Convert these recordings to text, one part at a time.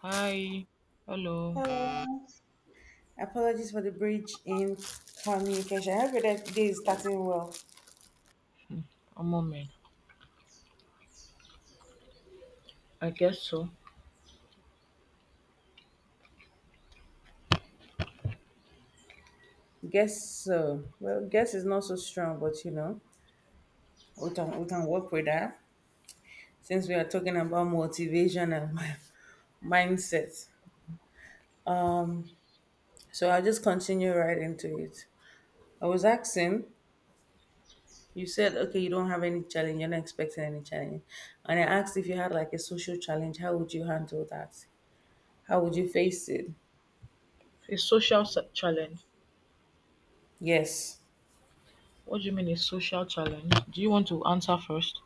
Hi. Hello. Hello. Apologies for the bridge in communication. I hope that day is starting well. A moment. I guess so. Guess so. Well, guess is not so strong, but we can work with that since we are talking about motivation and mindset. So I'll just continue right into it. I was asking, you said okay, you don't have any challenge, you're not expecting any challenge. And I asked if you had like a social challenge, how would you handle that? How would you face it? A social challenge. Yes. What do you mean a social challenge? Do you want to answer first?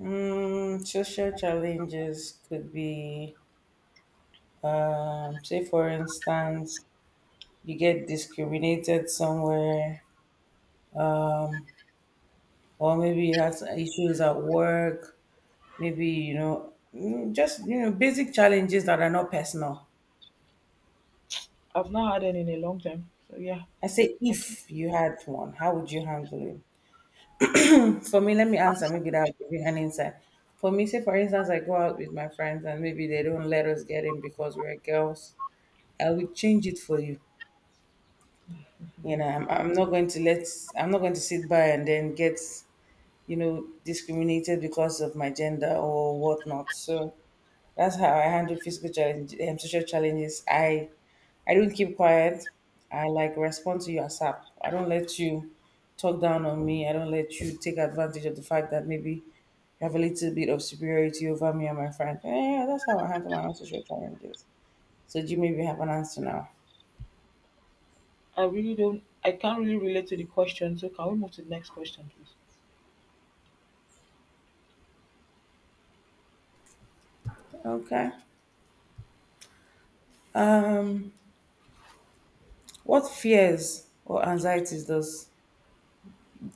Mm, social challenges could be, say, for instance, you get discriminated somewhere, or maybe you have some issues at work, maybe, basic challenges that are not personal. I've not had any in a long time. So yeah, I say, I can't, if you had one, how would you handle it? For me, let me answer. ans- Maybe that will give you an insight. For me, say, for instance, I go out with my friends and maybe they don't let us get in because we're girls. I will change it for you. I'm not going to let. I'm not going to sit by and then get, discriminated because of my gender or whatnot. So that's how I handle physical challenge. Social challenges, I don't keep quiet. I like respond to your sap. I don't let you talk down on me. I don't let you take advantage of the fact that maybe you have a little bit of superiority over me and my friend. Yeah, that's how I handle my own social challenges. So do you maybe have an answer now? I really don't. I can't really relate to the question. So can we move to the next question, please? Okay. Um, What fears or anxieties does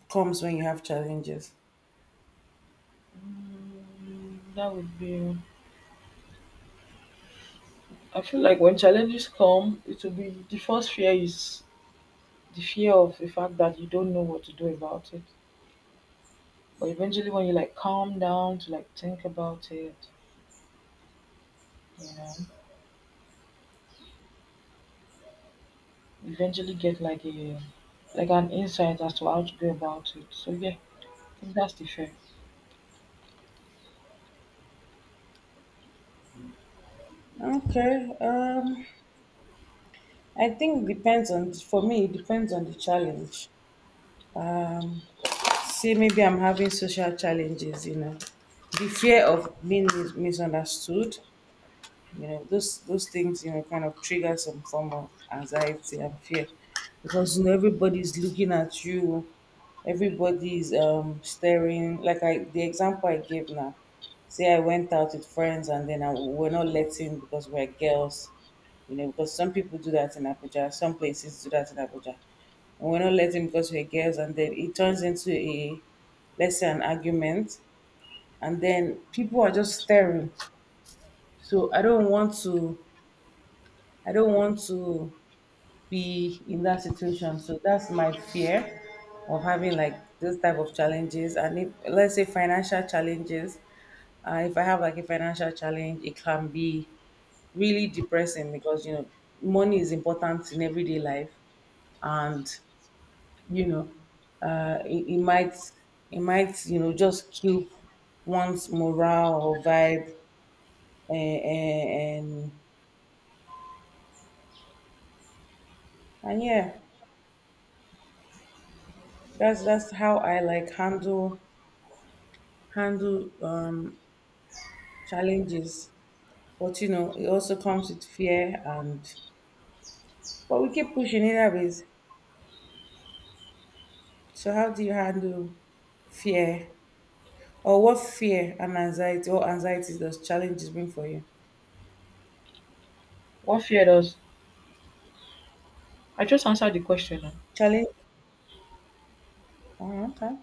comes when you have challenges? That would be. I feel like when challenges come, it will be the first fear is the fear of the fact that you don't know what to do about it. But eventually, when you like calm down to like think about it, you know, eventually get like an insight as to how to go about it. So yeah, I think that's the fear. Okay, I think depends on, for me, it depends on the challenge. Um, Say maybe I'm having social challenges, the fear of being misunderstood, those things kind of trigger some form of anxiety and fear because you know everybody's looking at you, everybody's staring. Like I the example I gave now, say I went out with friends and then we're not letting because we're girls. You know, because some people do that in Abuja, some places do that in Abuja, and we're not letting because we're girls, and then it turns into a, let's say, an argument, and then people are just staring. So I don't want to be in that situation. So that's my fear of having like this type of challenges. And if, let's say, financial challenges, if I have like a financial challenge, it can be really depressing because you know money is important in everyday life, and you know, it might. It might, you know, just kill one's morale or vibe, and yeah. That's how I like handle, challenges. But you know, it also comes with fear, and but we keep pushing either ways. So how do you handle fear? Or what fear and anxiety or anxieties does challenges bring for you? What fear does? I just answered the question. Now. Challenge. Oh, okay.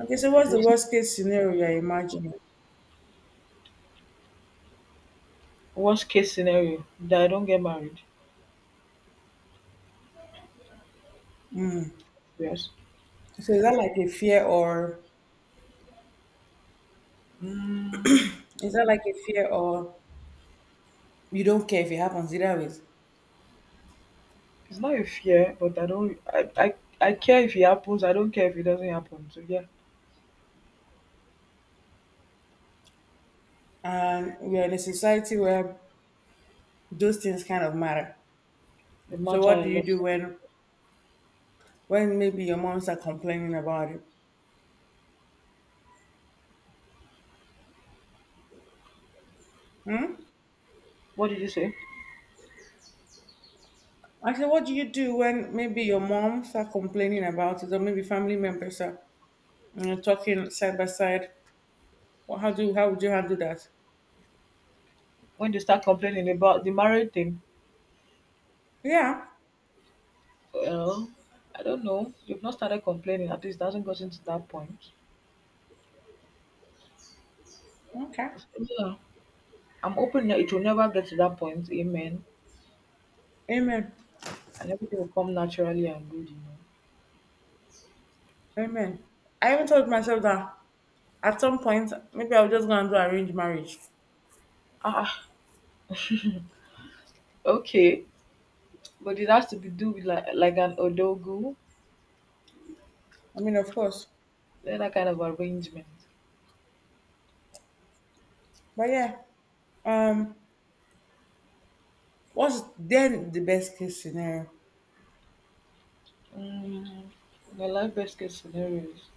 Okay, so what's the Worst worst case scenario you're imagining? worst case scenario that I don't get married. Yes. So is that like a fear, or Mm, is that like a fear or you don't care if it happens either ways? it's not a fear, but I don't. I care if it happens. I don't care if it doesn't happen. So yeah, And we are in a society where those things kind of matter. it So matter what a do you lot. do when maybe your mom start complaining about it? Hmm? What did you say? I said, what do you do when maybe your mom start complaining about it, or maybe family members are, you know, talking side by side? Well, how would you handle that? When they start complaining about the married thing, Yeah. well, I don't know. You've not started complaining. At least it hasn't gotten to that point. Okay. Yeah. I'm hoping that it will never get to that point, amen, Amen. and everything will come naturally and good. Amen. I even told myself that at some point maybe I was just gonna do arranged marriage. Ah, ah, okay, but it has to be do with like an odogu, I mean, of course. then that kind of arrangement. But yeah, um, what's then the best case scenario? Mm, my life best case scenarios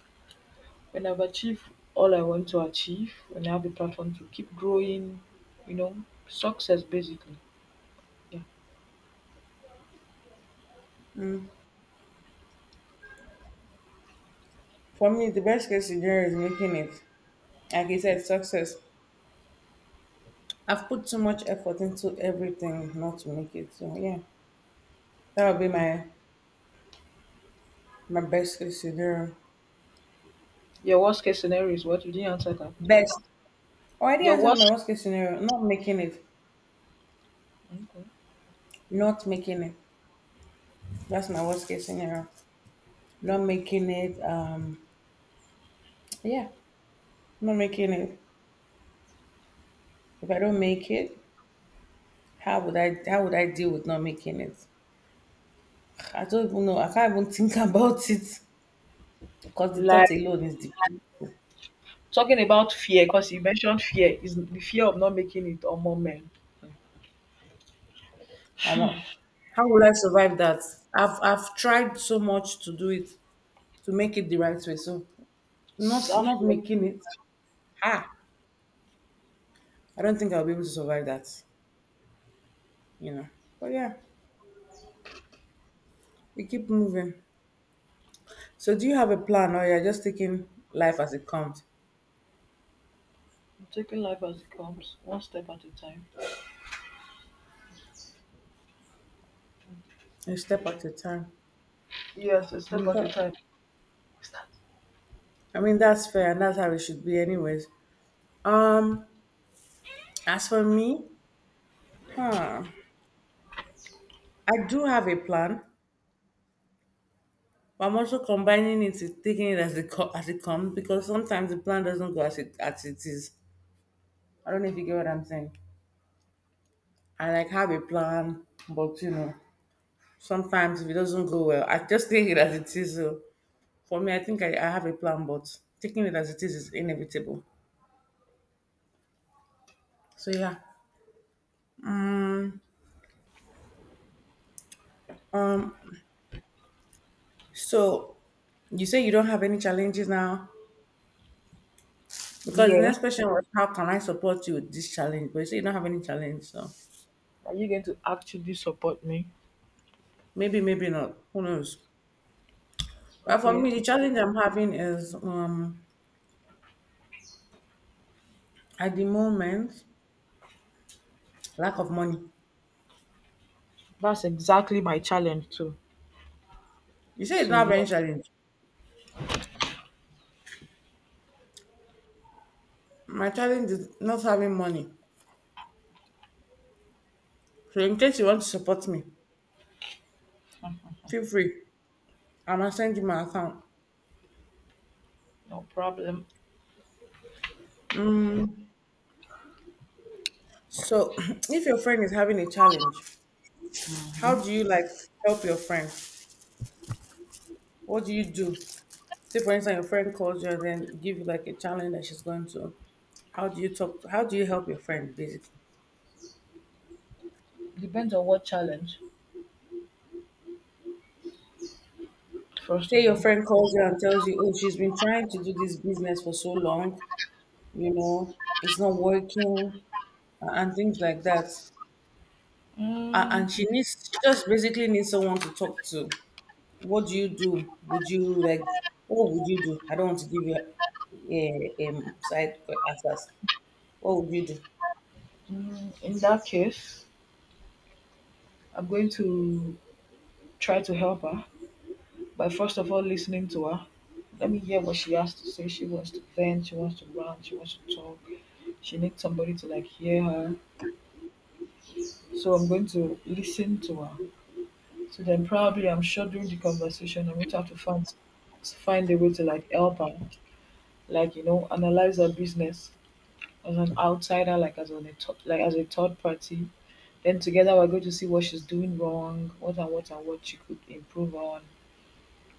when I've achieved all I want to achieve, when I have the platform to keep growing, you know, success basically. Yeah. Mm. For me, the best case scenario is making it. Like you said, success. I've put too much effort into everything not to make it. So yeah, that would be my best case scenario. Your worst case scenario is what? You didn't answer that. Best. Already Your answered my worst, worst case scenario. Not making it. okay. Not making it. That's my worst case scenario. Not making it. Yeah. Not making it. If I don't make it, how would I? How would I deal with not making it? I don't even know. I can't even think about it because the thought Like alone is deep. talking about fear, because you mentioned fear, is the fear of not making it or moment. I'm a- how will I survive that? I've tried so much to do it, to make it the right way. So That not fear is making real. it. Ah, I don't think I'll be able to survive that. You know. But yeah, we keep moving. So do you have a plan, or you're just taking life as it comes, I'm taking life as it comes, one step at a time. a step at a time? Yes, a step Mm, at a time. Start. I mean that's fair, and that's how it should be, anyways. Um, as for me, huh? I do have a plan. But I'm also combining it with taking it as it comes, because sometimes the plan doesn't go as it is. I don't know if you get what I'm saying. I like have a plan, but you know, sometimes if it doesn't go well, I just take it as it is. So for me, I think I have a plan, but taking it as it is inevitable. So yeah. Um. So you say you don't have any challenges now, because the Yeah. next question was how can I support you with this challenge? But you say you don't have any challenge, so Are you going to actually support me? maybe, maybe not. Who knows? But for me, Okay. the challenge I'm having is at the moment lack of money. That's exactly my challenge too. You say you don't So have yeah, any challenge. My challenge is not having money. So in case you want to support me, feel free. I'm gonna send you my account. no problem. Mm, so if your friend is having a challenge, how do you like help your friend? What do you do? Say for instance, your friend calls you and then give you like a challenge that she's going to. How do you talk? How do you help your friend basically? Depends on what challenge, first Say of your all. friend calls you and tells you, oh, she's been trying to do this business for so long, you know, it's not working, and things like that. And Mm, she just basically needs someone to talk to. What do you do? What would you do? I don't want to give you a answers. What would you do? In that case, I'm going to try to help her by first of all listening to her. Let me hear what she has to say. She wants to vent, she wants to rant, she wants to talk. She needs somebody to like hear her. So I'm going to listen to her. So then probably I'm sure during the conversation I'm going to have to find a way to like help her, like you know, analyze her business as an outsider, like as a third party. Then together we're going to see what she's doing wrong, what she could improve on,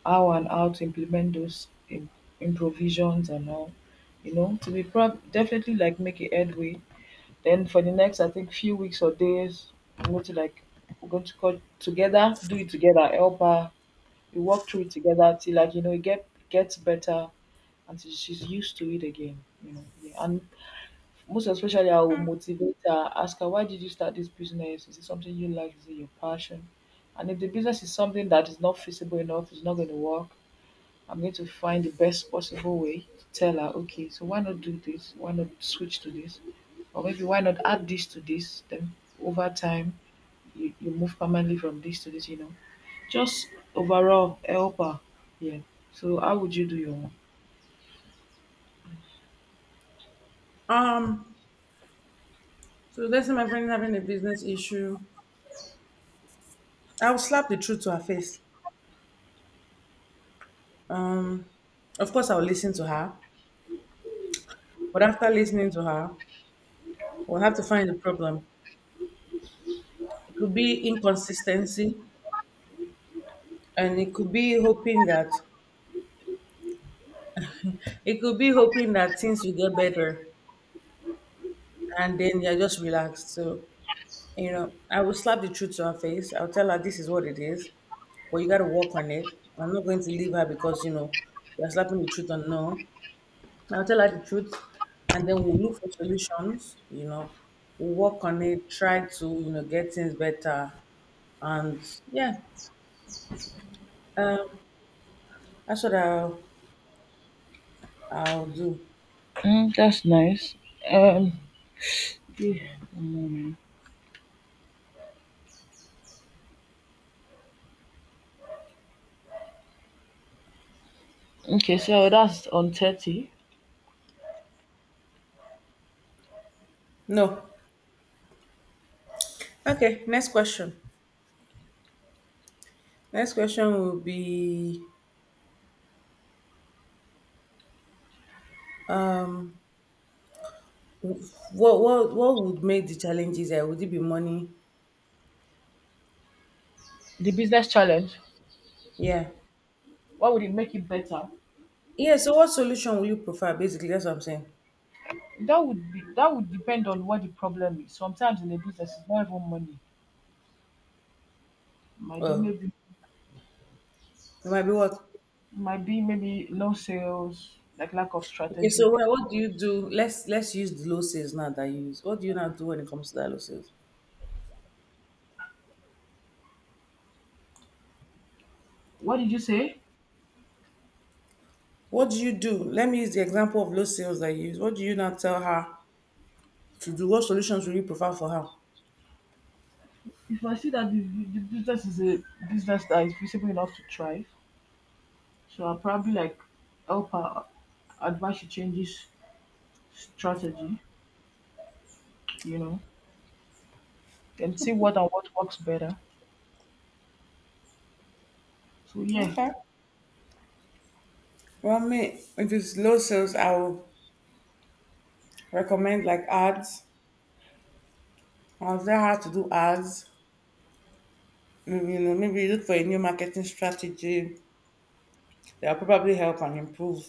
how to implement those improvisions and all. You know, to be definitely like make a headway then for the next, I think, few weeks or days, I'm going to like we're going to call together, do it together, help her. We walk through it together till like you know it gets better, and till she's used to it again. Yeah. And most especially, I will motivate her, ask her, why did you start this business? Is it something you like? Is it your passion? And if the business is something that is not feasible enough, it's not going to work. I'm going to find the best possible way to tell her, okay, so why not do this? Why not switch to this? Or maybe why not add this to this? Then over time, you move permanently from this to this, you know. Just overall help her. Yeah. So how would you do your own? Um, so let's say my friend is having a business issue. I'll slap the truth to her face. Um, of course, I'll listen to her, but after listening to her, we'll have to find the problem. It could be inconsistency, and it could be hoping that things will get better, and then you're just relaxed. So you know, I will slap the truth to her face. I'll tell her this is what it is, but you got to work on it. I'm not going to leave her because you know you're slapping the truth on no. I'll tell her the truth, and then we'll look for solutions. You know, we'll work on it, try to, you know, get things better, and yeah, um, that's what I'll do. That's nice. Um, the- mm, okay, so that's on 30. No. Okay, next question. Next question will be um what would make the challenges there? Would it be money? The business challenge. Yeah. What would it make it better? Yeah, so what solution will you prefer basically? That's what I'm saying. That would depend on what the problem is. Sometimes in a business, it's not even money. Might be Oh, maybe it might be what? it might be maybe low sales, like lack of Okay, so strategic. What do you do? Let's use the low sales now that you use. What do you now do when it comes to that low sales? What did you say? What do you do? Let me use the example of low sales that you use. What do you now tell her to do? What solutions will you prefer for her? If I see that the business is a business that is visible enough to thrive, so I'll probably like help her advise she changes strategy, you know, and see what works better. So yeah. Okay. Well, me, if it's low sales, I'll recommend like ads. Or is that hard to do ads? Mm, you know, maybe you look for a new marketing strategy that will probably help and improve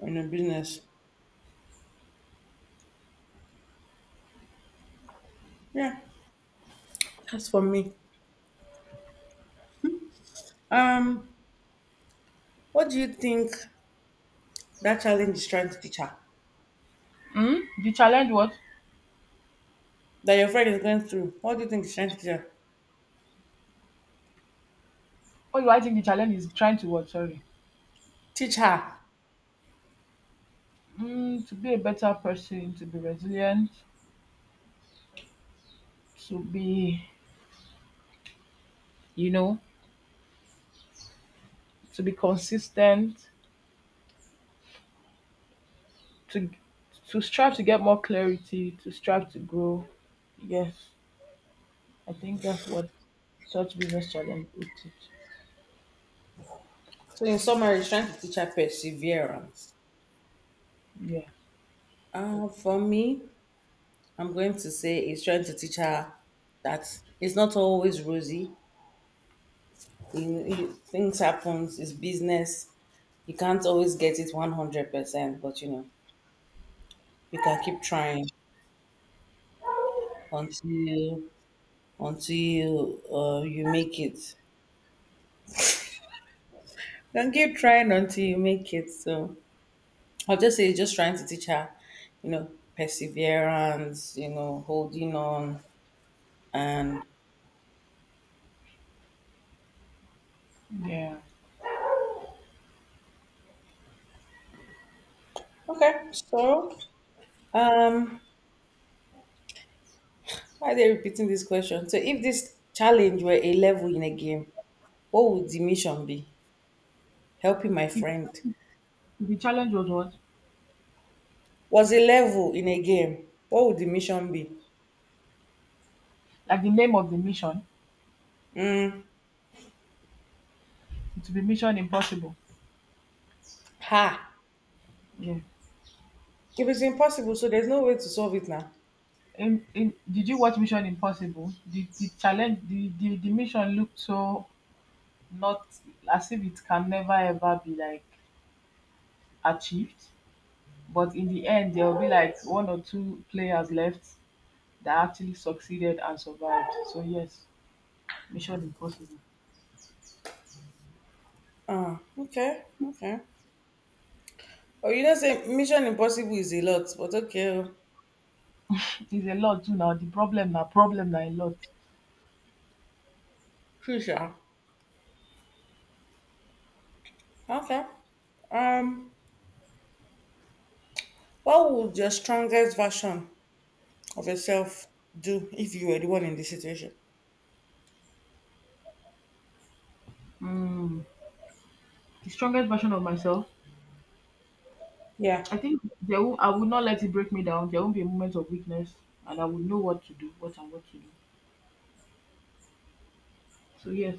on your business. Yeah, that's for me. Um, what do you think that challenge is trying to teach her? Mm? The challenge what? That your friend is going through. What do you think is trying to teach her? What do I think the challenge is trying to what? Sorry. Teach her. To be a better person, to be resilient, to be, you know, to be consistent, to to strive to get more clarity, to strive to grow. Yes, I think that's what such business challenge would teach. So in summary, it's trying to teach her perseverance. Yeah, For me, I'm going to say it's trying to teach her that it's not always rosy. You know, things happens. It's business. You can't always get it 100%, but you know, you can keep trying until you, you make it. You can keep trying until you make it. So I'll just say, just trying to teach her, you know, perseverance, you know, holding on. And yeah. okay, so um, why are they repeating this question? So if this challenge were a level in a game, what would the mission be? Helping my If friend. the challenge was what, Was a level in a game, what would the mission be? like the name of the mission, Mm, it would be Mission Impossible. ha! Yeah. If it's impossible, so there's no way to solve it now. Did you watch Mission Impossible? The challenge, the mission looked so not as if it can never ever be like achieved. But in the end, there will be like one or two players left that actually succeeded and survived. So yes, mission impossible. Ah, okay, okay. Oh, you don't say Mission Impossible is a lot, but okay, oh, It is a lot too now. The problem now a lot. crucial. Okay. Um, what would your strongest version of yourself do if you were the one in this situation? Mm. The strongest version of myself. Yeah, I think I will not let it break me down. There won't be a moment of weakness, and I will know what to do, what to do. So yes,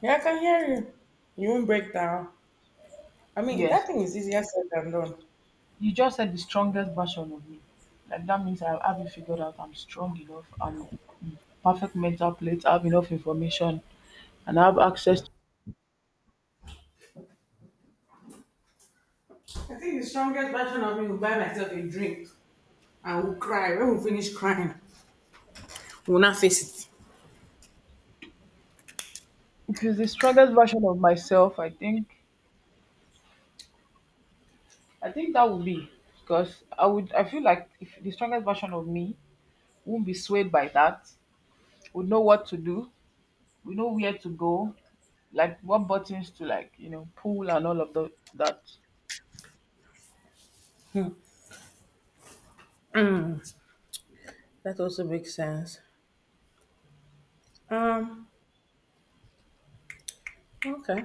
yeah, I can hear you. You won't break down. I mean, that yes. thing is easier said than done. You just said the strongest version of me. Like that means I have it figured out. I'm strong enough. I'm perfect mental plate. I have enough information, and I have access. I think the strongest version of me will buy myself a drink and will cry. When we finish crying, we'll not face it. Because the strongest version of myself, I think that would be because I feel like if the strongest version of me won't be swayed by that, would know what to do, we know where to go, like what buttons to like, pull and all of that. That also makes sense. Um, okay.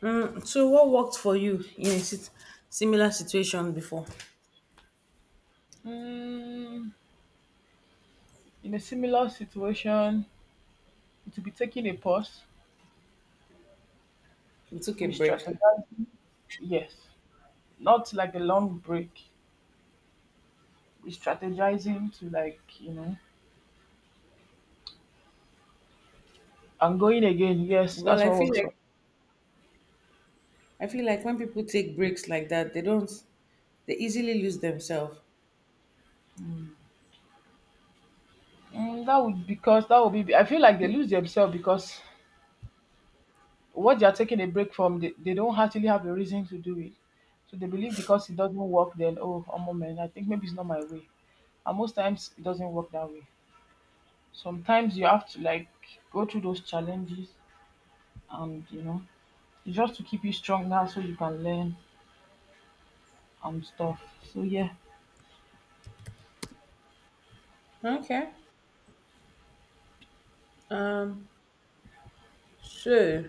So what worked for you in a similar situation before? Mm, in a similar situation, it would be taking a pause, You took a break. re-strategizing, yes, not like a long break, re-strategizing to like, and going again, yes, Well, that's I what feel works like for. I feel like when people take breaks like that, they don't they easily lose themselves. That would because that would be. I feel like they lose themselves because what they are taking a break from, they don't actually have a reason to do it. So they believe because it doesn't work, then oh, a moment, I think maybe it's not my way. And most times it doesn't work that way. Sometimes you have to like go through those challenges, and it's just to keep you stronger so you can learn and stuff. So yeah, Okay. Um, so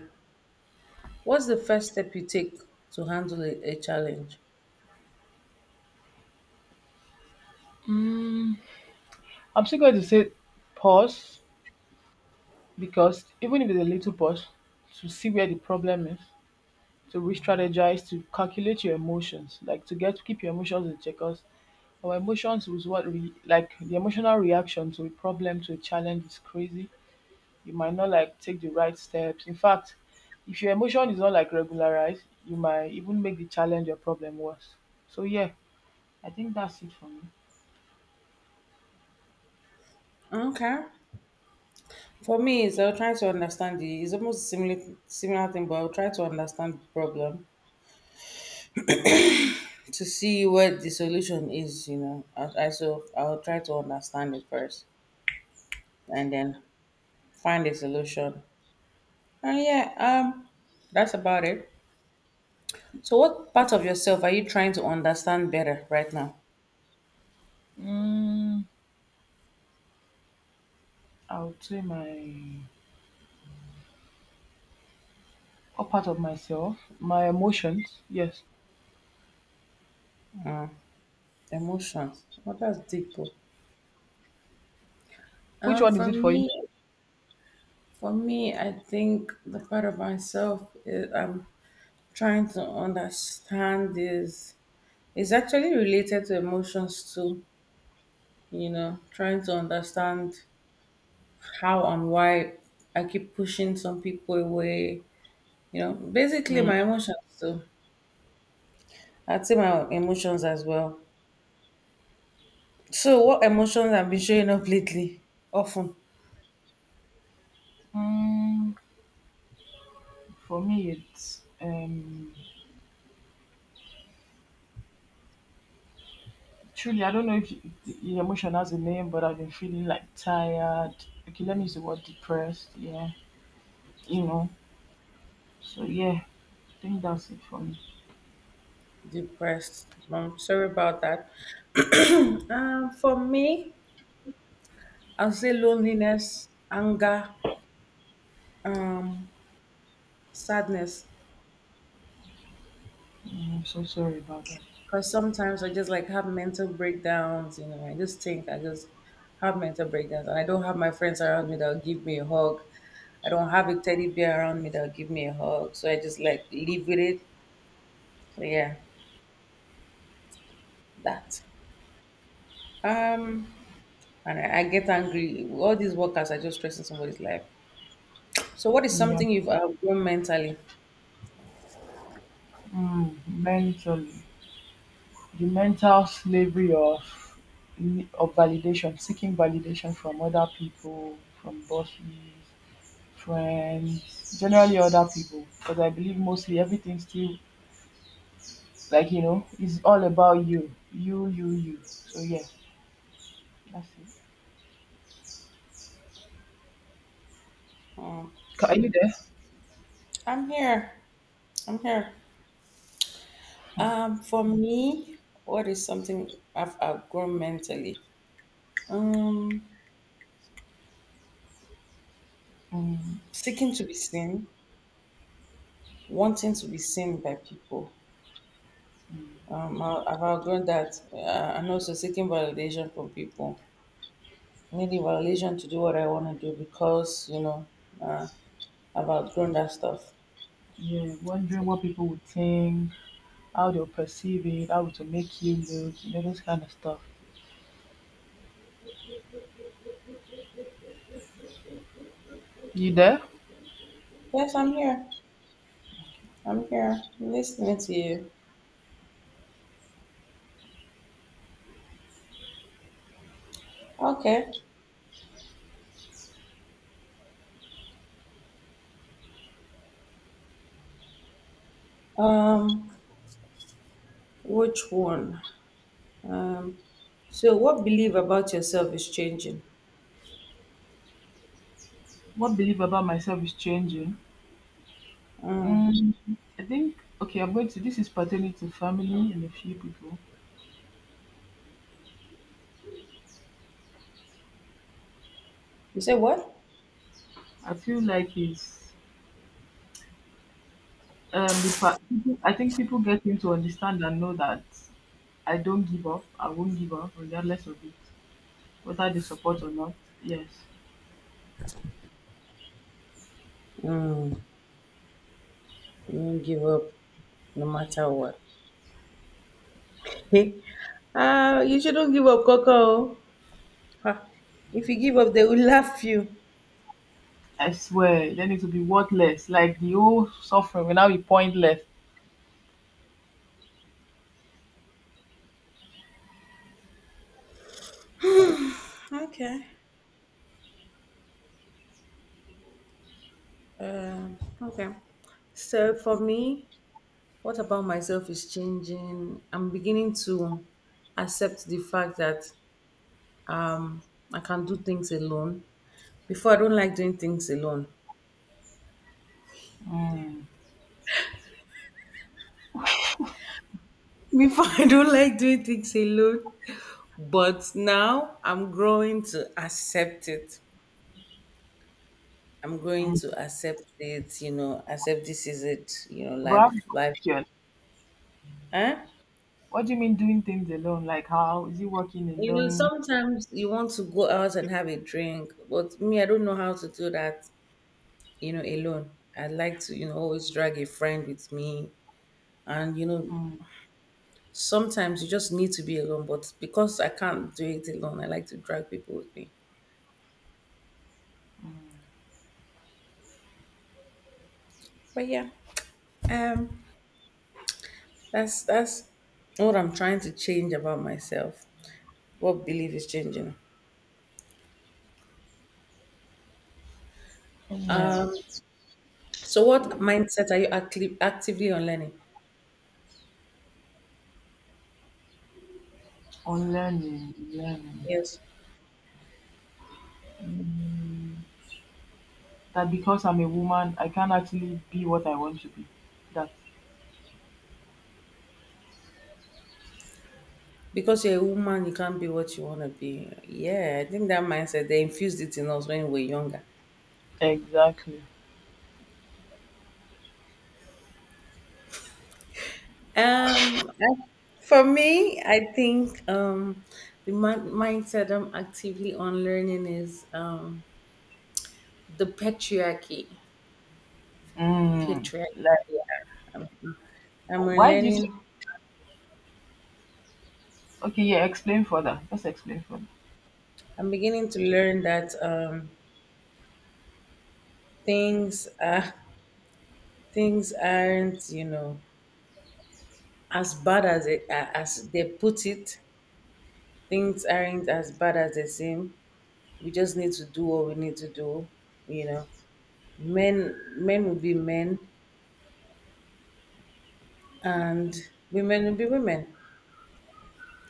what's the first step you take to handle a challenge? mm, I'm still going to say pause because even if it's a little pause, to see where the problem is, to re-strategize, to calculate your emotions, like to get keep your emotions in check, 'cause our emotions was what we like the emotional reaction to a problem, to a challenge is crazy. You might not like take the right steps. In fact, if your emotion is not like regularized, you might even make the challenge or problem worse. So yeah, I think that's it for me. Okay. For me, is I'll try to understand the. It's almost similar thing, but I'll try to understand the problem, to see what the solution is. I so I'll try to understand it first and then find a solution. And yeah, that's about it. So, what part of yourself are you trying to understand better right now? Mm, I would say my or part of myself, my emotions. Yes. Emotions. Well, that's deep. Oh. Which Um, one for is it for you? me, for me, I think the part of myself is I'm trying to understand is actually related to emotions too. You know, trying to understand how and why I keep pushing some people away. Basically Mm. my emotions too. I'd say my emotions as well. So, what emotions have been showing up lately? Often Mm, for me, it's truly, I don't know if the emotion has a name, but I've been feeling like tired. Okay, let me use the word depressed. Yeah, you know. So yeah, I think that's it for me. depressed. I'm sorry about that. For me, I'll say loneliness, anger, um, sadness. I'm so sorry about that. Because sometimes I just like have mental breakdowns. I just have mental breakdowns, and I don't have my friends around me that'll give me a hug. I don't have a teddy bear around me that'll give me a hug. So I just like live with it. So yeah, that. Um and I get angry. All these workers are just stressing somebody's life. So what is Yeah, something you've outgrown mentally? mm, mentally, the mental slavery of validation, seeking validation from other people, from bosses, friends, generally other people. Because I believe mostly everything still like is all about you, you, you, you. So yeah, that's it. Hmm. Are you there? I'm here. I'm here. For me, what is something I've outgrown mentally? Um, Um, seeking to be seen, wanting to be seen by people. I've outgrown that, and also seeking validation from people, needing validation to do what I want to do because uh, I've outgrown that stuff. yeah, wondering what people would think, how they'll perceive it, how it will make you look, those kind of stuff. You there? Yes, I'm here. I'm here. I'm listening to you. Okay. Um, which one? Um, so what belief about yourself is changing? What belief about myself is changing? Mm. Mm, I think, okay, this is pertaining to family and a few people. You say what? I feel like it's, the part, I think people getting to understand and know that I don't give up, I won't give up, regardless of it, whether they support or not. Yes. Mm. You do not give up no matter what. Ah, you shouldn't give up, Coco. Ah, if you give up, they will laugh you. I swear, then it will be worthless. Like the whole suffering will now be pointless. Okay. Okay. So for me, what about myself is changing. I'm beginning to accept the fact that um I can do things alone. Before I don't like doing things alone. Mm, Before I don't like doing things alone. But now I'm growing to accept it. I'm going to mm. accept it, you know, accept this is it, you know, But I have a life, life. question. Huh? What do you mean doing things alone? Like how is it working You know, alone? sometimes you want to go out and have a drink, but me, I don't know how to do that, alone. I like to, always drag a friend with me. And, Mm. sometimes you just need to be alone, but because I can't do it alone, I like to drag people with me. But yeah, um, that's what I'm trying to change about myself. What belief is changing? Yeah. So, what mindset are you actively on learning? On learning, learning. Yes. Mm. That because I'm a woman, I can't actually be what I want to be. That. Because you're a woman, you can't be what you want to be. Yeah, I think that mindset, they infused it in us when we were younger. Exactly. Um, I- for me, I think the mindset I'm actively on learning is the patriarchy. Mm. Patriarchy. Like I'm, I'm why do you say? learning. Okay, yeah. Explain further. Just explain further. I'm beginning to learn that things are things aren't as bad as as they put it, things aren't as bad as they seem. We just need to do what we need to do. You know, men will be men, and women will be women.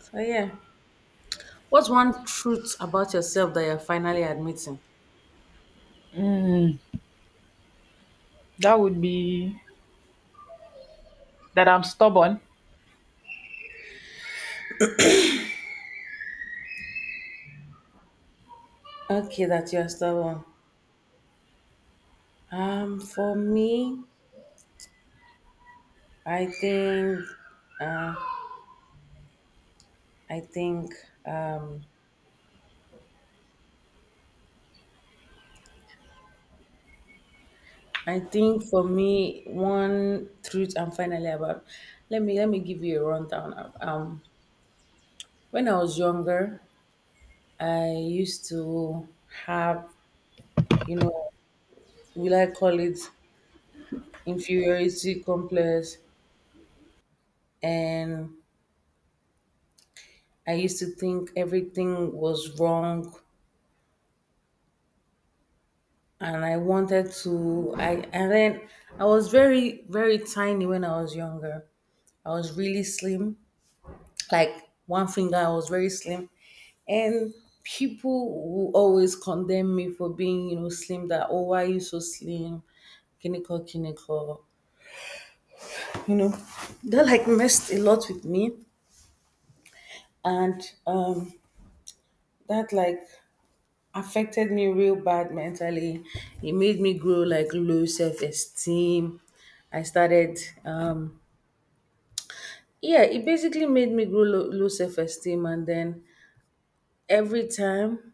So yeah. What's one truth about yourself that you're finally admitting? Mm, that would be that I'm stubborn. Okay, that you're stubborn. For me, I think, I think, um, I think for me, one truth I'm finally about. Let me give you a rundown. When I was younger, I used to have, you know, will I call it inferiority complex? And I used to think everything was wrong. And I wanted to, I, and then I was very, very tiny when I was younger. I was really slim, like one finger, I was very slim. And people will always condemn me for being, slim, that, oh, why are you so slim? Kiniko, kiniko. That like messed a lot with me, and that like affected me real bad mentally. It made me grow like low self-esteem. I started um yeah it basically made me grow low self-esteem, and then every time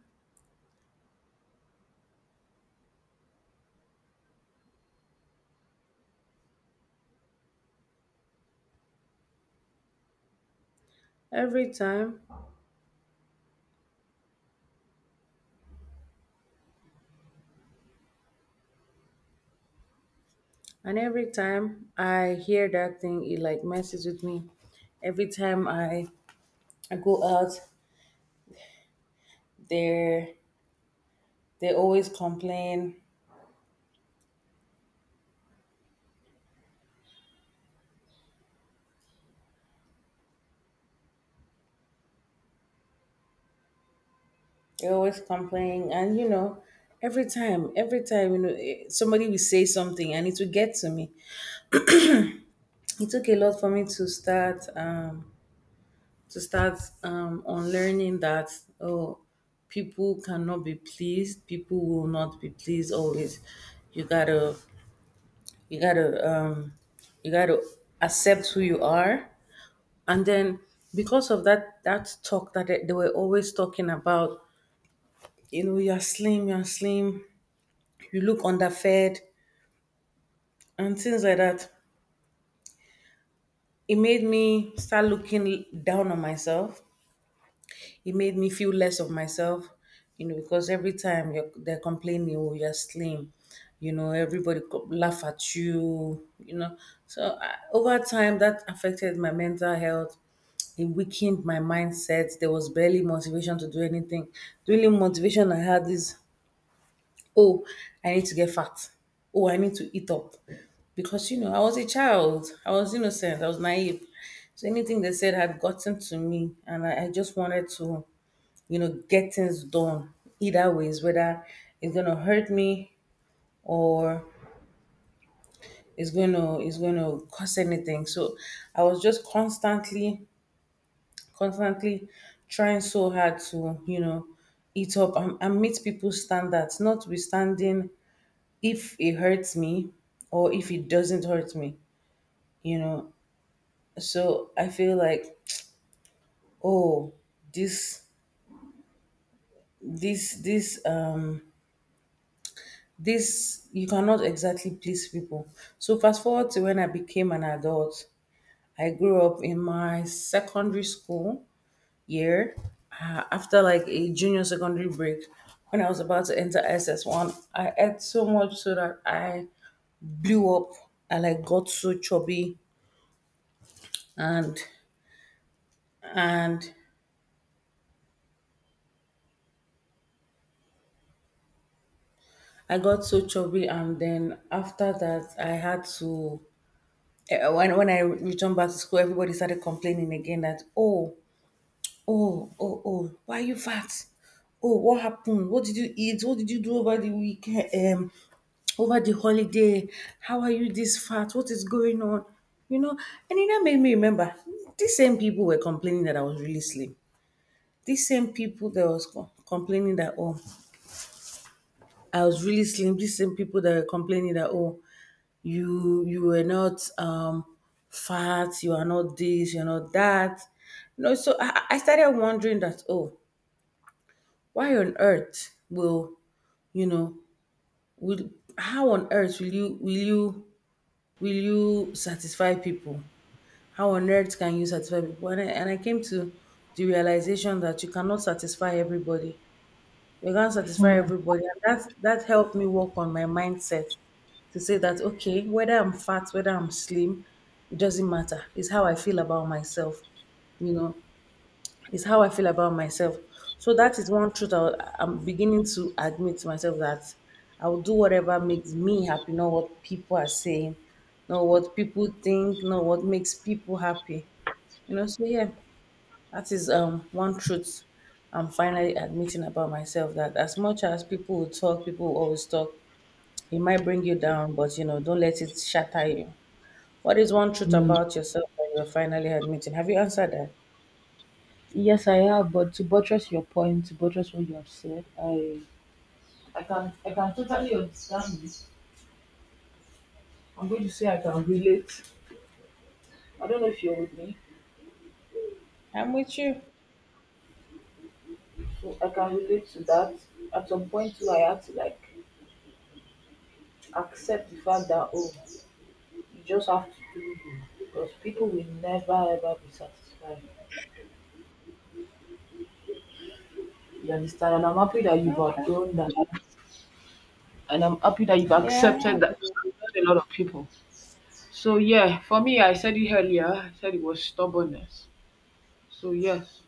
every time every time I hear that thing it like messes with me. Every time I go out, they they always complain. You're always complaining, and every time, somebody will say something, and it will get to me. It took a lot for me to start on learning that oh, people cannot be pleased, people will not be pleased always. You gotta, you gotta, um, you gotta accept who you are, and then because of that, that talk that they were always talking about, you're slim, you look underfed and things like that. It made me start looking down on myself. It made me feel less of myself, because every time they're complaining, oh, you're slim, everybody laugh at you, you know. So over time, that affected my mental health. It weakened my mindset. There was barely motivation to do anything. The only motivation I had is, oh, I need to get fat. Oh, I need to eat up. Because, I was a child. I was innocent. I was naive. So anything they said had gotten to me. And I just wanted to, get things done either ways, whether it's going to hurt me or it's going to cause anything. So I was just constantly trying so hard to eat up, and meet people's standards notwithstanding if it hurts me or if it doesn't hurt me you know so I feel like, oh, this this this um this, you cannot exactly please people. So fast forward to when I became an adult, I grew up in my secondary school year, after like a junior secondary break, when I was about to enter SS1, I ate so much so that I blew up. I like got so chubby, and and I got so chubby, and then after that, I had to. Eh, when I returned back to school, everybody started complaining again that oh oh why are you fat? Oh, what happened? What did you eat? What did you do over the weekend? Over the holiday? How are you this fat? What is going on? You know, and it now made me remember these same people were complaining that I was really slim. These same people that was complaining that oh I was really slim. These same people that were complaining that oh you were not fat, you are not this, you're not that, you know. So I started wondering that oh why on earth will you know will how on earth will you satisfy people, how on earth can you satisfy people? And I came to the realization that you cannot satisfy everybody, you can't satisfy everybody, and that helped me work on my mindset to say that, okay, whether I'm fat, whether I'm slim, it doesn't matter. It's how I feel about myself. You know, it's how I feel about myself. So that is one truth I'm beginning to admit to myself that I'll do whatever makes me happy, not what people are saying, not what people think, not what makes people happy. You know, so yeah, that is one truth I'm finally admitting about myself that as much as people will talk, people will always talk, it might bring you down, but you know, don't let it shatter you. What is one truth about yourself that you're finally admitting? Have you answered that? Yes, I have, but to buttress your point, to buttress what you have said, I can totally understand this. I'm going to say I can relate. I don't know if you're with me, I'm with you. so I can relate to that. At some point too, I had to accept the fact that oh, you just have to do you because people will never ever be satisfied. You understand? And I'm happy that you've Okay. outgrown that, and I'm happy that you've Yeah. accepted that. Not a lot of people. So yeah, for me, I said it earlier. I said it was stubbornness. So yes.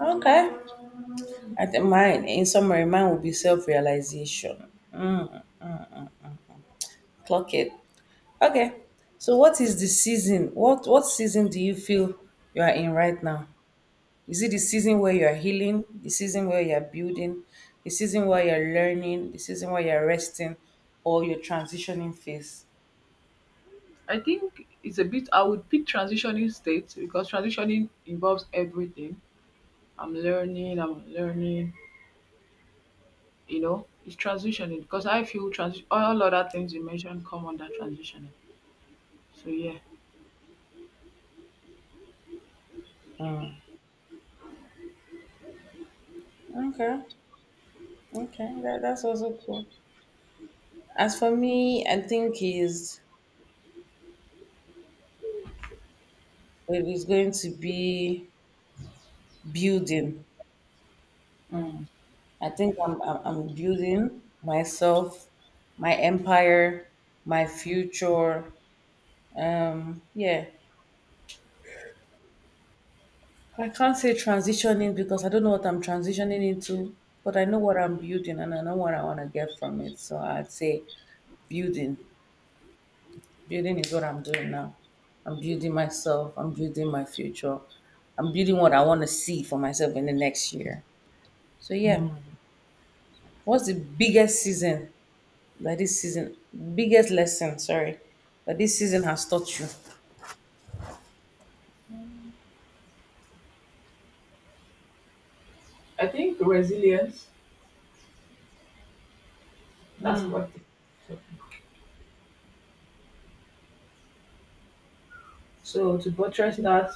Okay. I think mine, in summary, mine will be self-realization. Clock it. Okay. So what is the season? What season do you feel you are in right now? Is it the season where you are healing, the season where you are building, the season where you're learning, the season where you're resting, or your transitioning phase? I think it's a bit I would pick transitioning states because transitioning involves everything. I'm learning, you know, it's transitioning because I feel all other things you mentioned come under transitioning. So yeah. Hmm. Okay, okay, that's also cool. As for me, I think is it is going to be building. Mm. I think I'm building myself, my empire, my future. Yeah, I can't say transitioning because I don't know what I'm transitioning into, but I know what I'm building and I know what I want to get from it. So I'd say building. Building is what I'm doing now. I'm building myself. I'm building my future. I'm building what I want to see for myself in the next year. So yeah, what's the biggest season that this season, biggest lesson, sorry, that this season has taught you? I think resilience, that's what so, so to buttress that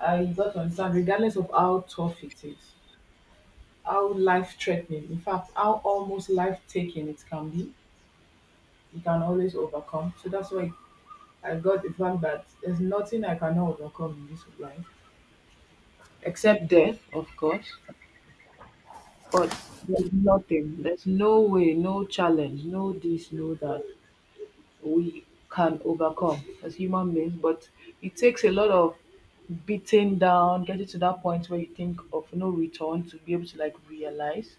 I got to understand regardless of how tough it is, how life threatening, in fact how almost life taking it can be, you can always overcome. So that's why I got the fact that there's nothing I cannot overcome in this life except death, of course. But there's no way, no challenge, no this, no that we can overcome as human beings. But it takes a lot of beating down, getting to that point where you think of no return to be able to realize.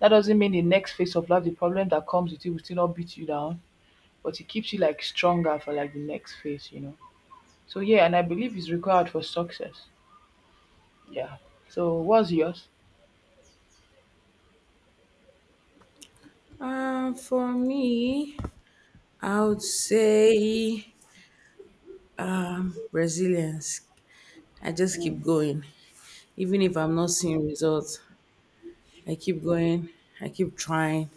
That doesn't mean the next phase of life, the problem that comes with it will still not beat you down, but it keeps you stronger for the next phase, you know. So yeah, and I believe it's required for success. Yeah. So what's yours? For me, I would say resilience. I just keep Mm. going, even if I'm not seeing results. I keep going. I keep trying,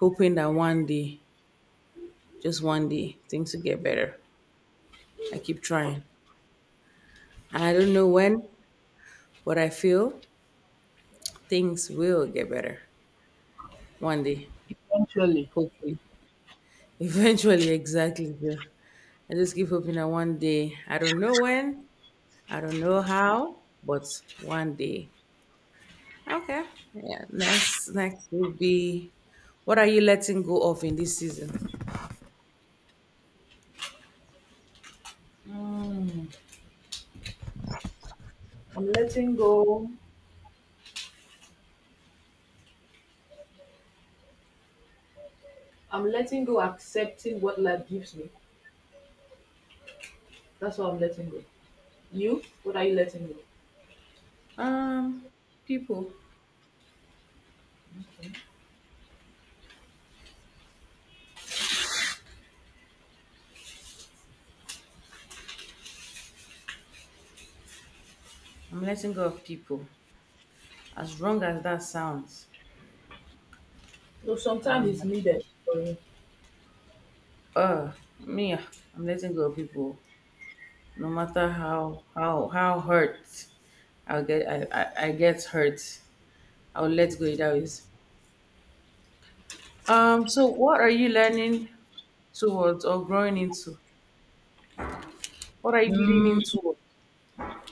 hoping that one day, just one day, things will get better. I keep trying. And I don't know when, but I feel things will get better one day, Punctually. hopefully. Eventually, exactly. I just keep hoping that one day, I don't know when, I don't know how, but one day. Okay. Yeah. Next will be: what are you letting go of in this season? Mm. I'm letting go. I'm letting go, accepting what life gives me. That's what I'm letting go. You? What are you letting go? Um, people. I'm letting go of people. As wrong as that sounds. So sometimes it's needed for you. Uh, me, I'm letting go of people, no matter how hurt I'll get. I get hurt. I'll let go either ways. So what are you learning towards or growing into? What are you Mm, leaning towards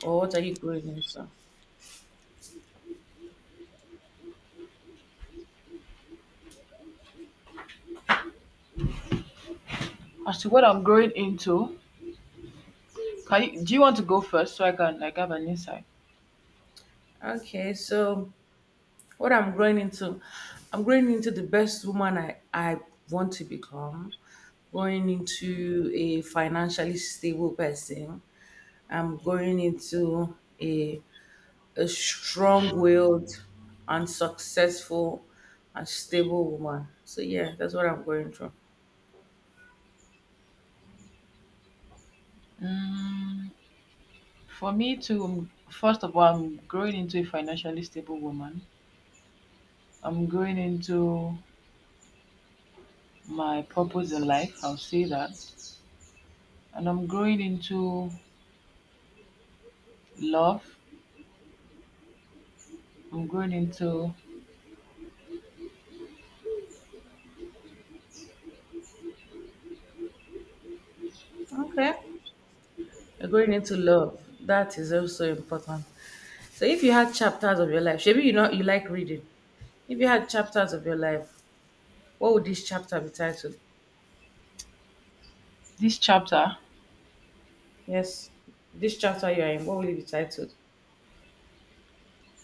or what are you growing into? as to what I'm growing into, do you want to go first so I can have an insight? Okay, so what I'm growing into the best woman I want to become, going into a financially stable person. I'm going into a strong willed and successful and stable woman. So yeah, that's what I'm going through. Mm, for me to first of all, I'm growing into a financially stable woman. I'm growing into my purpose in life. I'll say that. And I'm growing into love. I'm growing into Okay. You're going into love. That is also important. So if you had chapters of your life, maybe you know you like reading. If you had chapters of your life, what would this chapter be titled? this chapter. Yes. This chapter you are in, what will it be titled?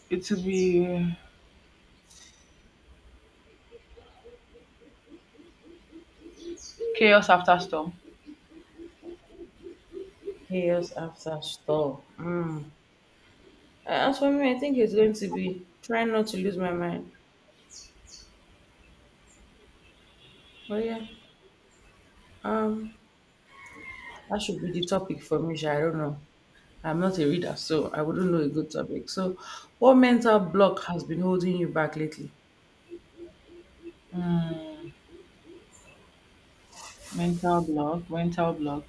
It will be chaos after storm. Chaos after storm. Mm. As for me, I think it's going to be trying not to lose my mind. But yeah. Um That should be the topic for me, sha. I don't know. I'm not a reader, so I wouldn't know a good topic. So, what mental block has been holding you back lately? Mm, mental block.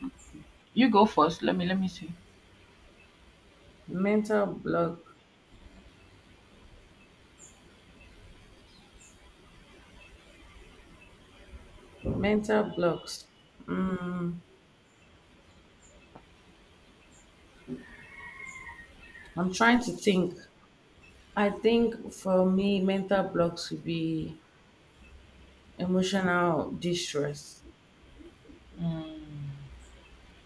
You go first. Let me see. Mental block, mental blocks. Mm, I'm trying to think. I think for me, mental blocks would be emotional distress. Mm,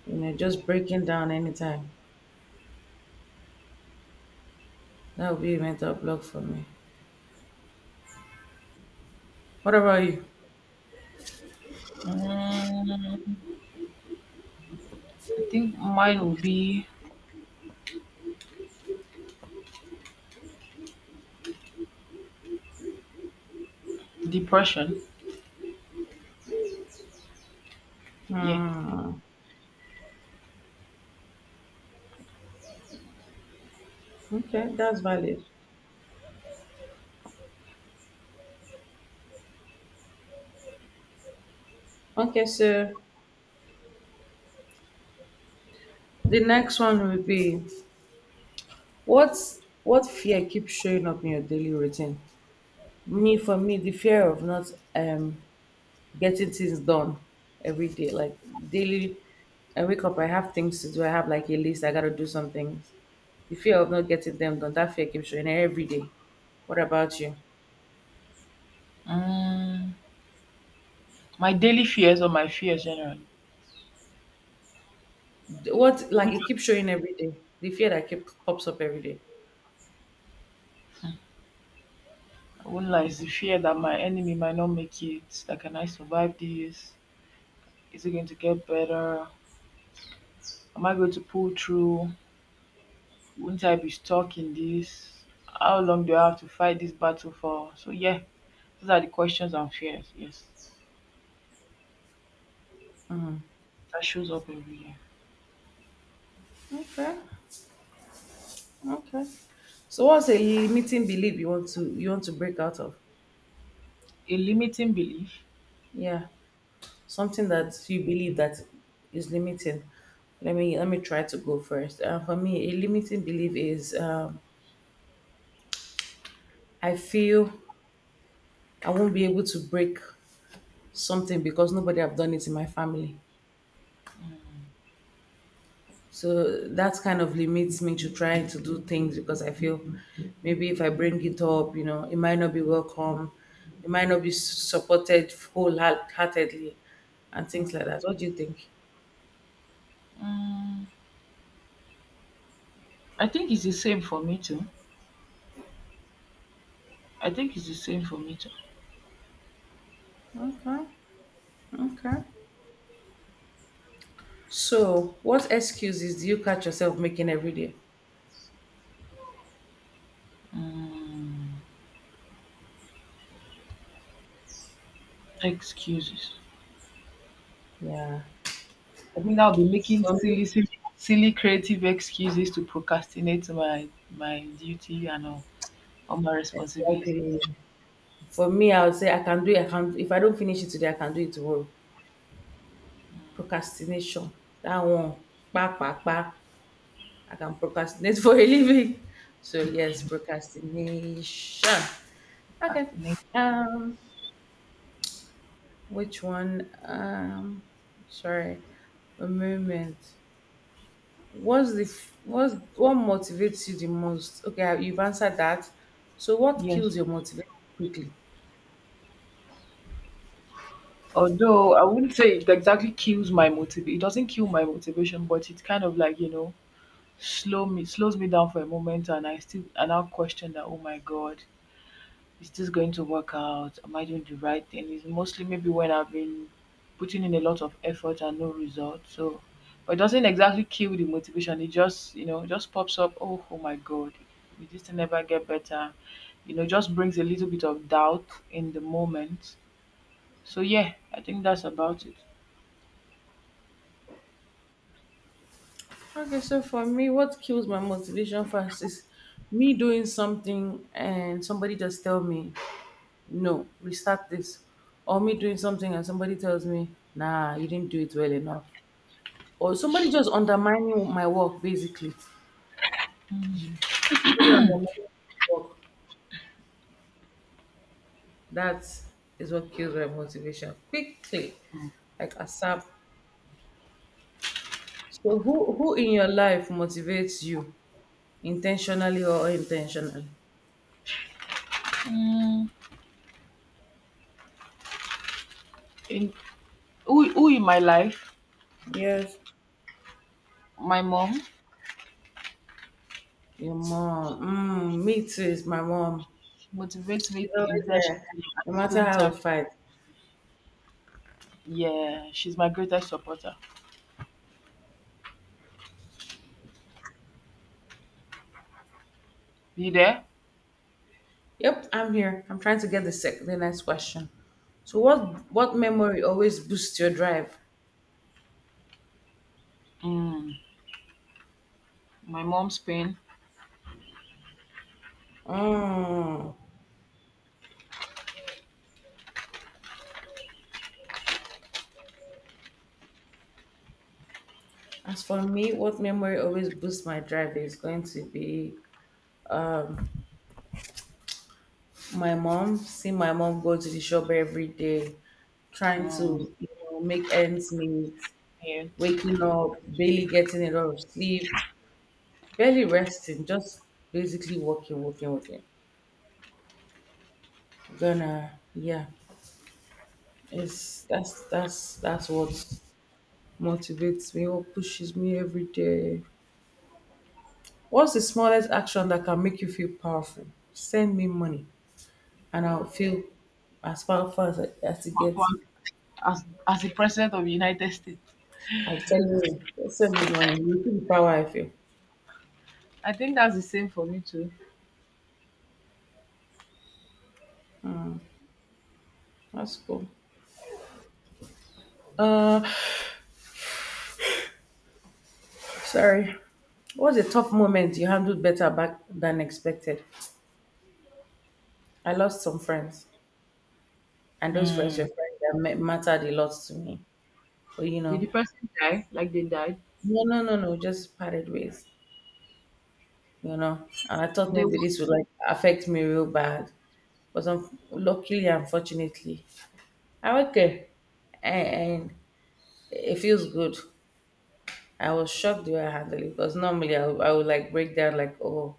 Just breaking down anytime. That would be a mental block for me. What about you? mm, I think mine will be depression. Yeah. Hmm. Okay, that's valid. Okay, so the next one will be: What what fear keeps showing up in your daily routine? Me for me, the fear of not um getting things done every day. Like daily, I wake up, I have things to do, I have like a list, I gotta do some things. The fear of not getting them done, that fear keeps showing every day. What about you? Mm, my daily fears or my fears generally. What, like, Which it keeps showing every day. The fear that keep pops up every day. I won't lie, is the fear that my enemy might not make it. That can I survive this? Is it going to get better? Am I going to pull through? Won't I be stuck in this? How long do I have to fight this battle for? So yeah, those are the questions and fears. Yes, that shows up every year. Okay. Okay. So what's a limiting belief you want to break out of? A limiting belief. Yeah. Something that you believe that is limiting. Let me try to go first. For me, a limiting belief is, I feel I won't be able to break something because nobody have done it in my family, so that kind of limits me to trying to do things because I feel maybe if I bring it up, it might not be welcome, it might not be supported wholeheartedly, and things like that. What do you think? Mm, I think it's the same for me too. I think it's the same for me too. Okay. Okay. So, what excuses do you catch yourself making every day? Mm, excuses. Yeah. I think I'll be making For me, silly, silly, silly creative excuses to procrastinate my duty and all my responsibility. exactly. For me, I would say, "I can do it. I can, if I don't finish it today, I can do it tomorrow." Procrastination. That one. Pa pa pa. I can procrastinate for a living. So yes, procrastination. Okay. Procrastinate. Um, which one? Sorry, a moment. What motivates you the most? Okay, You've answered that. So what Yes. kills your motivation quickly? Although I wouldn't say it exactly kills my motiv it doesn't kill my motivation, but it kind of you know, slows me down for a moment and I still and I'll question that, oh my God, is this going to work out? Am I doing the right thing? It's mostly maybe when I've been putting in a lot of effort and no result. So but it doesn't exactly kill the motivation. It just, you know, just pops up, oh, oh my God, will this thing never get better? You know, just brings a little bit of doubt in the moment. So yeah, I think that's about it. Okay, so for me, what kills my motivation fast is me doing something and somebody just tell me, "No, restart this," or me doing something and somebody tells me, "Nah, you didn't do it well enough," or somebody just undermining my work basically. Somebody undermining my work. That is what kills my motivation quickly, like ASAP. So who in your life motivates you intentionally or unintentionally? Mm, in who in my life? Yes. My mom Your mom. Mm, me too. It's my mom. motivates She's me always there, intentionally at no the matter same how we time. fight. Yeah, she's my greatest supporter. You there? Yep, I'm here. I'm trying to get the the next question. So what memory always boosts your drive? Mm, my mom's pain. Mm. As for me, what memory always boosts my drive is going to be my mom. Seeing my mom go to the shop every day, trying Mm, to make ends meet, yeah. waking up, barely getting enough sleep, barely resting, just basically walking, walking, walking. Gonna Yeah, it's that's what motivates me or pushes me every day. What's the smallest action that can make you feel powerful? Send me money, and I'll feel as powerful as, as it gets. As the president of the United States, I tell you, just send me money. You feel the power I feel. I think that's the same for me too. That's cool. Uh, sorry. What's a tough moment you handled better back than expected? I lost some friends, and those friends were Mm. friends that mattered a lot to me. But Did the person die? Like they died? no, no, no, no, just parted ways. And I thought They maybe one this would like affect me real bad, but luckily, unfortunately, I'm okay, and it feels good. I was shocked the way I handled it because normally I would like break down like, "Oh,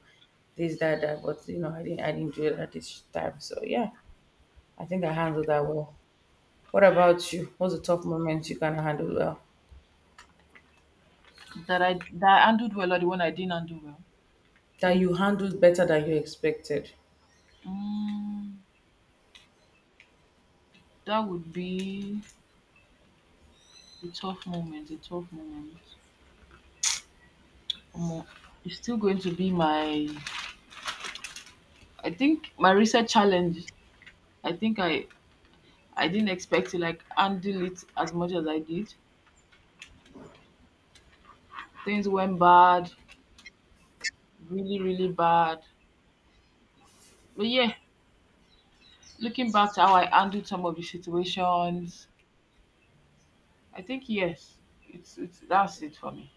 this that that," but I didn't do it at this time. So yeah, I think I handled that well. What about you? What's the tough moment you can handle well? That I handled well or the one I didn't handle well? That you handled better than you expected. Mm, that would be a tough moment. A tough moment. Omo, it's still going to be my I think my recent challenge. I think I didn't expect to handle it as much as I did. Things went bad, really, really bad. But yeah, looking back to how I handled some of the situations, I think yes, it's that's it for me.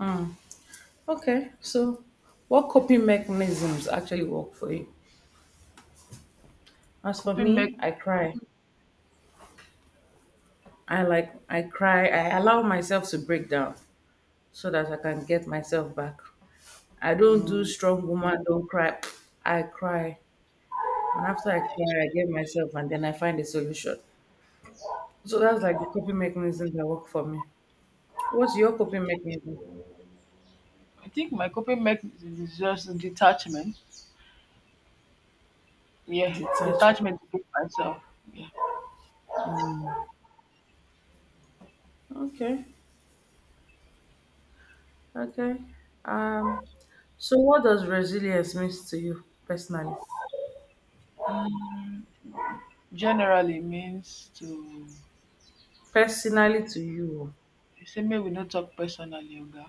Mm. Okay, so what coping mechanisms actually work for you? As for Coping me, mech I cry. I, like, I cry. I allow myself to break down so that I can get myself back. I don't do um, "strong woman don't cry." I cry, and after I cry, I get myself, and then I find a solution. So that's like the coping mechanism that work for me. What's your coping mechanism? I think my coping mech is just detachment. Yeah, Detachment. detachment to myself. Yeah. Mm. Okay. Okay. Um. So what does resilience means to you personally? Generally means to Personally to you. Dey say make we no tok personally oga.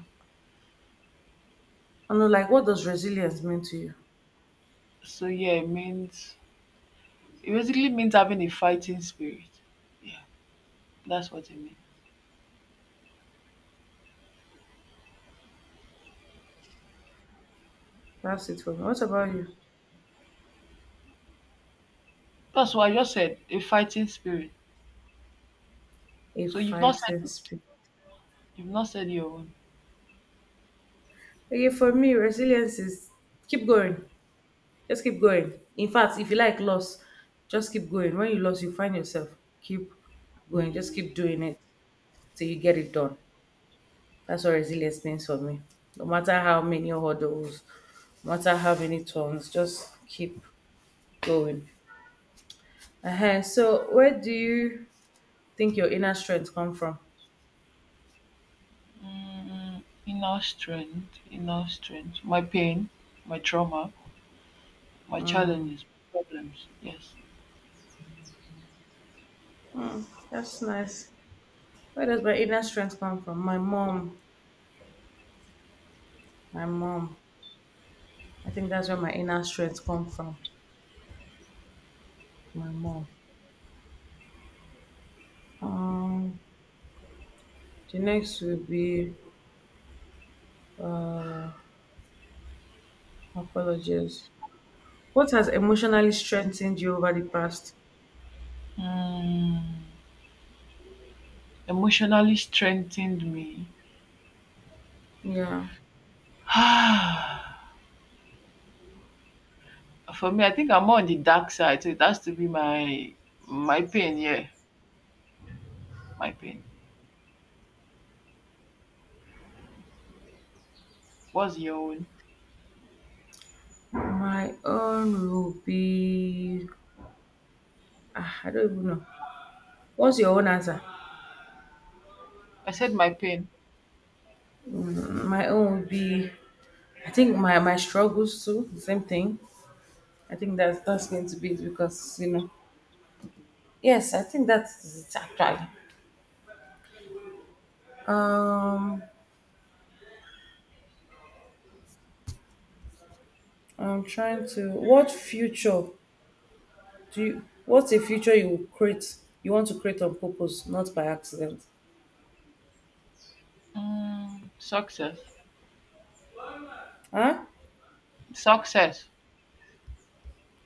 And like what does resilience mean to you? So yeah it means it basically means having a fighting spirit. Yeah, that's what it means. That's it for me. What about you? That's what I just said, a fighting spirit. A So fighting spirit. you've not said your own. Okay, for me, resilience is keep going. Just keep going. In fact, if you like loss, just keep going. When you lost, you find yourself. Keep going. Just Mm, keep doing it till you get it done. That's what resilience means for me. No matter how many hurdles, no matter how many turns, just keep going. So, where do you think your inner strength come from? inner strength. My pain, my trauma, my challenges, problems. Yes. Hmm, that's nice. Where does my inner strength come from? My mom. My mom. I think that's where my inner strength come from. My mom. Um, the next will be apologies. What has emotionally strengthened you over the past? Mm, emotionally strengthened me. Yeah. For me, I think I'm more on the dark side, so it has to be my pain. Yeah, my pain. What's your own? My own will be, I don't even know. What's your own answer? I said my pain. My own will be. I think my struggles too. Same thing. I think that's going to be it, because, you know. Yes, I think that's it actually. Um, I'm trying to. What future do you? What's a future you will create? You want to create on purpose, not by accident, Mm, success. huh? Success.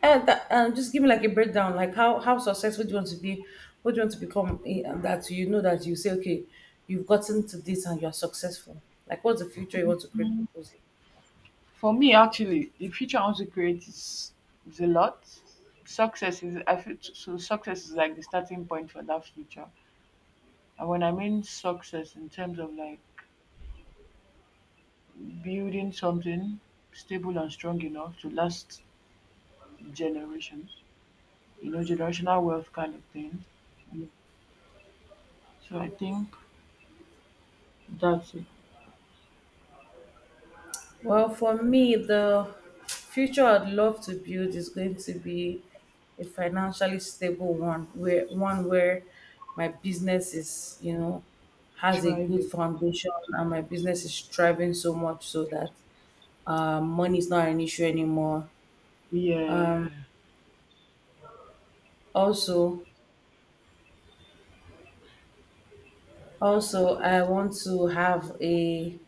And just give me like a breakdown, like how successful do you want to be? What do you want to become? In- and That you know, that you say, "Okay, you've gotten to this and you're successful." Like, what's the future you want to create, on purpose? For me, actually, the future I want to create is a lot. Success is I feel so. So success is like the starting point for that future. And when I mean success in terms of building something stable and strong enough to last generations, you know, generational wealth kind of thing. So I think that's it. Well, for me, the future I'd love to build is going to be a financially stable one, where my business is, has a good Thriving. foundation, and my business is thriving so much so that money is not an issue anymore. Yeah. Also, I want to have a,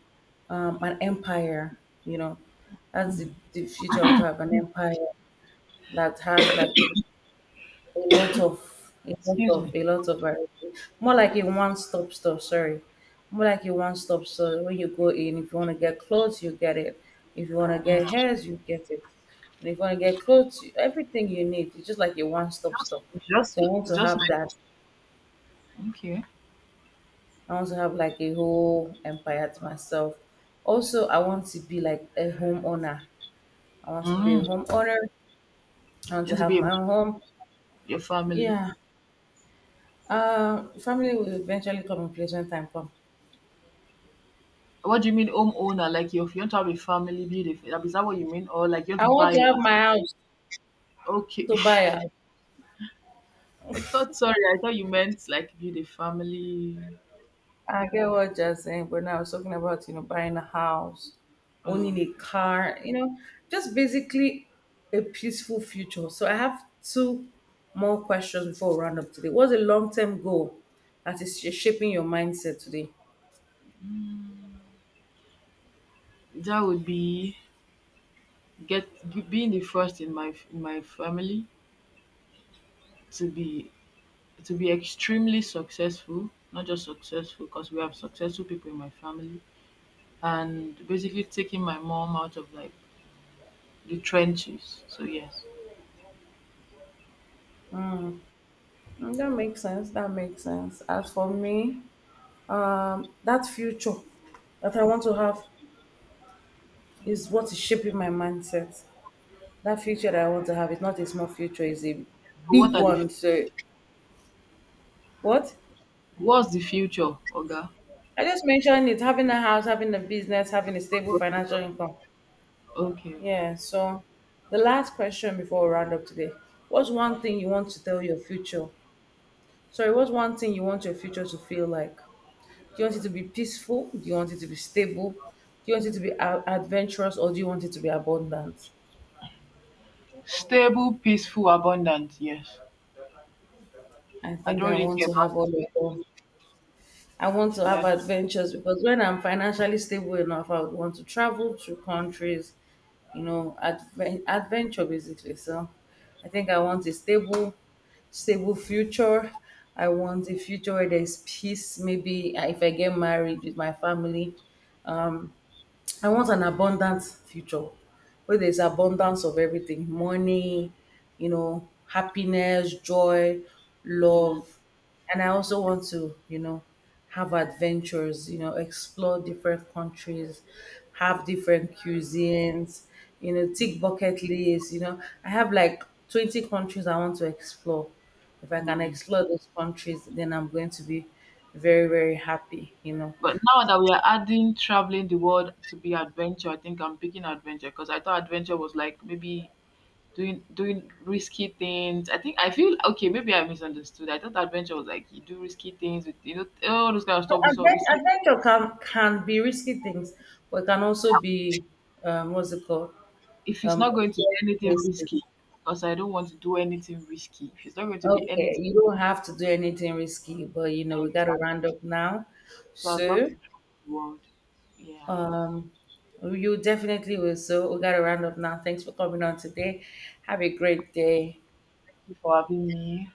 an empire, you know, that's the, future. I want to have an empire that has like a lot of a lot Excuse of me. a lot of variety. More like a one stop store, sorry. More like a one stop store. When you go in, if you want to get clothes, you get it. If you want to get hairs, you get it. And if you want to get clothes, everything you need. It's just like a one stop Just, store. just, So I want to just have like that. okay. I want to have like a whole empire to myself. Also, I want to be like a homeowner. I want to be a Mm. homeowner. I want You to need to have be a, my own home. your family. Yeah. Family will eventually come in place when time comes. What do you mean, homeowner? Like you want to have a family, beautiful. Is that what you mean, or like you want I to want buy to a have house? my house, Okay. to buy a house. I thought. Sorry, I thought you meant like build a family. I get what you're saying, but now I was talking about, buying a house, owning Um, a car, just basically a peaceful future. So I have two more questions before we round up today. What's a long term goal that is shaping your mindset today? that would be get being the first in my family to be to be extremely successful. Not just successful, because we have successful people in my family. And basically taking my mom out of like the trenches. So yes. That makes sense. That makes sense. As for me, that future that I want to have is what is shaping my mindset. That future that I want to have is not a small future, it's a So what big are the one. So, what? what's the future, Oga? I just mentioned it: having a house, having a business, having a stable financial income. Okay, okay. Yeah, so the last question before we round up today: what's one thing you want to tell your future? Sorry, what's one thing you want your future to feel like? Do you want it to be peaceful? Do you want it to be stable? Do you want it to be adventurous or do you want it to be abundant? Stable, peaceful, abundant. Yes. I I think don't I really want care to about have all of them. I want to have men. adventures because when I'm financially stable enough, I would want to travel to countries, adventure basically. So I think I want a stable, stable future. I want a future where there's peace. Maybe if I get married with my family, I want an abundant future where there's abundance of everything: money, happiness, joy, Mm, love. And I also want to, have adventures, explore different countries, have different cuisines, tick bucket lists. I have like 20 countries I want to explore. If I can mm. explore those countries, then I'm going to be very, very happy. But now that we are adding traveling the world to be adventure, I think I'm picking adventure because I thought adventure was like maybe doing risky things. I think I feel okay. Maybe I misunderstood. I thought adventure was like you do risky things with you know all those kind of stuff we Advent- see. Adventure can be risky things, but it can also be, what's it called? If it's Um, not going to be exploring anything risky, places. because I don't want to do anything risky. If it's not going to be Okay, anything, you don't have to do anything risky, but you know we like, gotta round up now. so I'd love So to travel the world. Yeah, you definitely will. So we gotta round up now. Thanks for coming on today. Have a great day. before having me.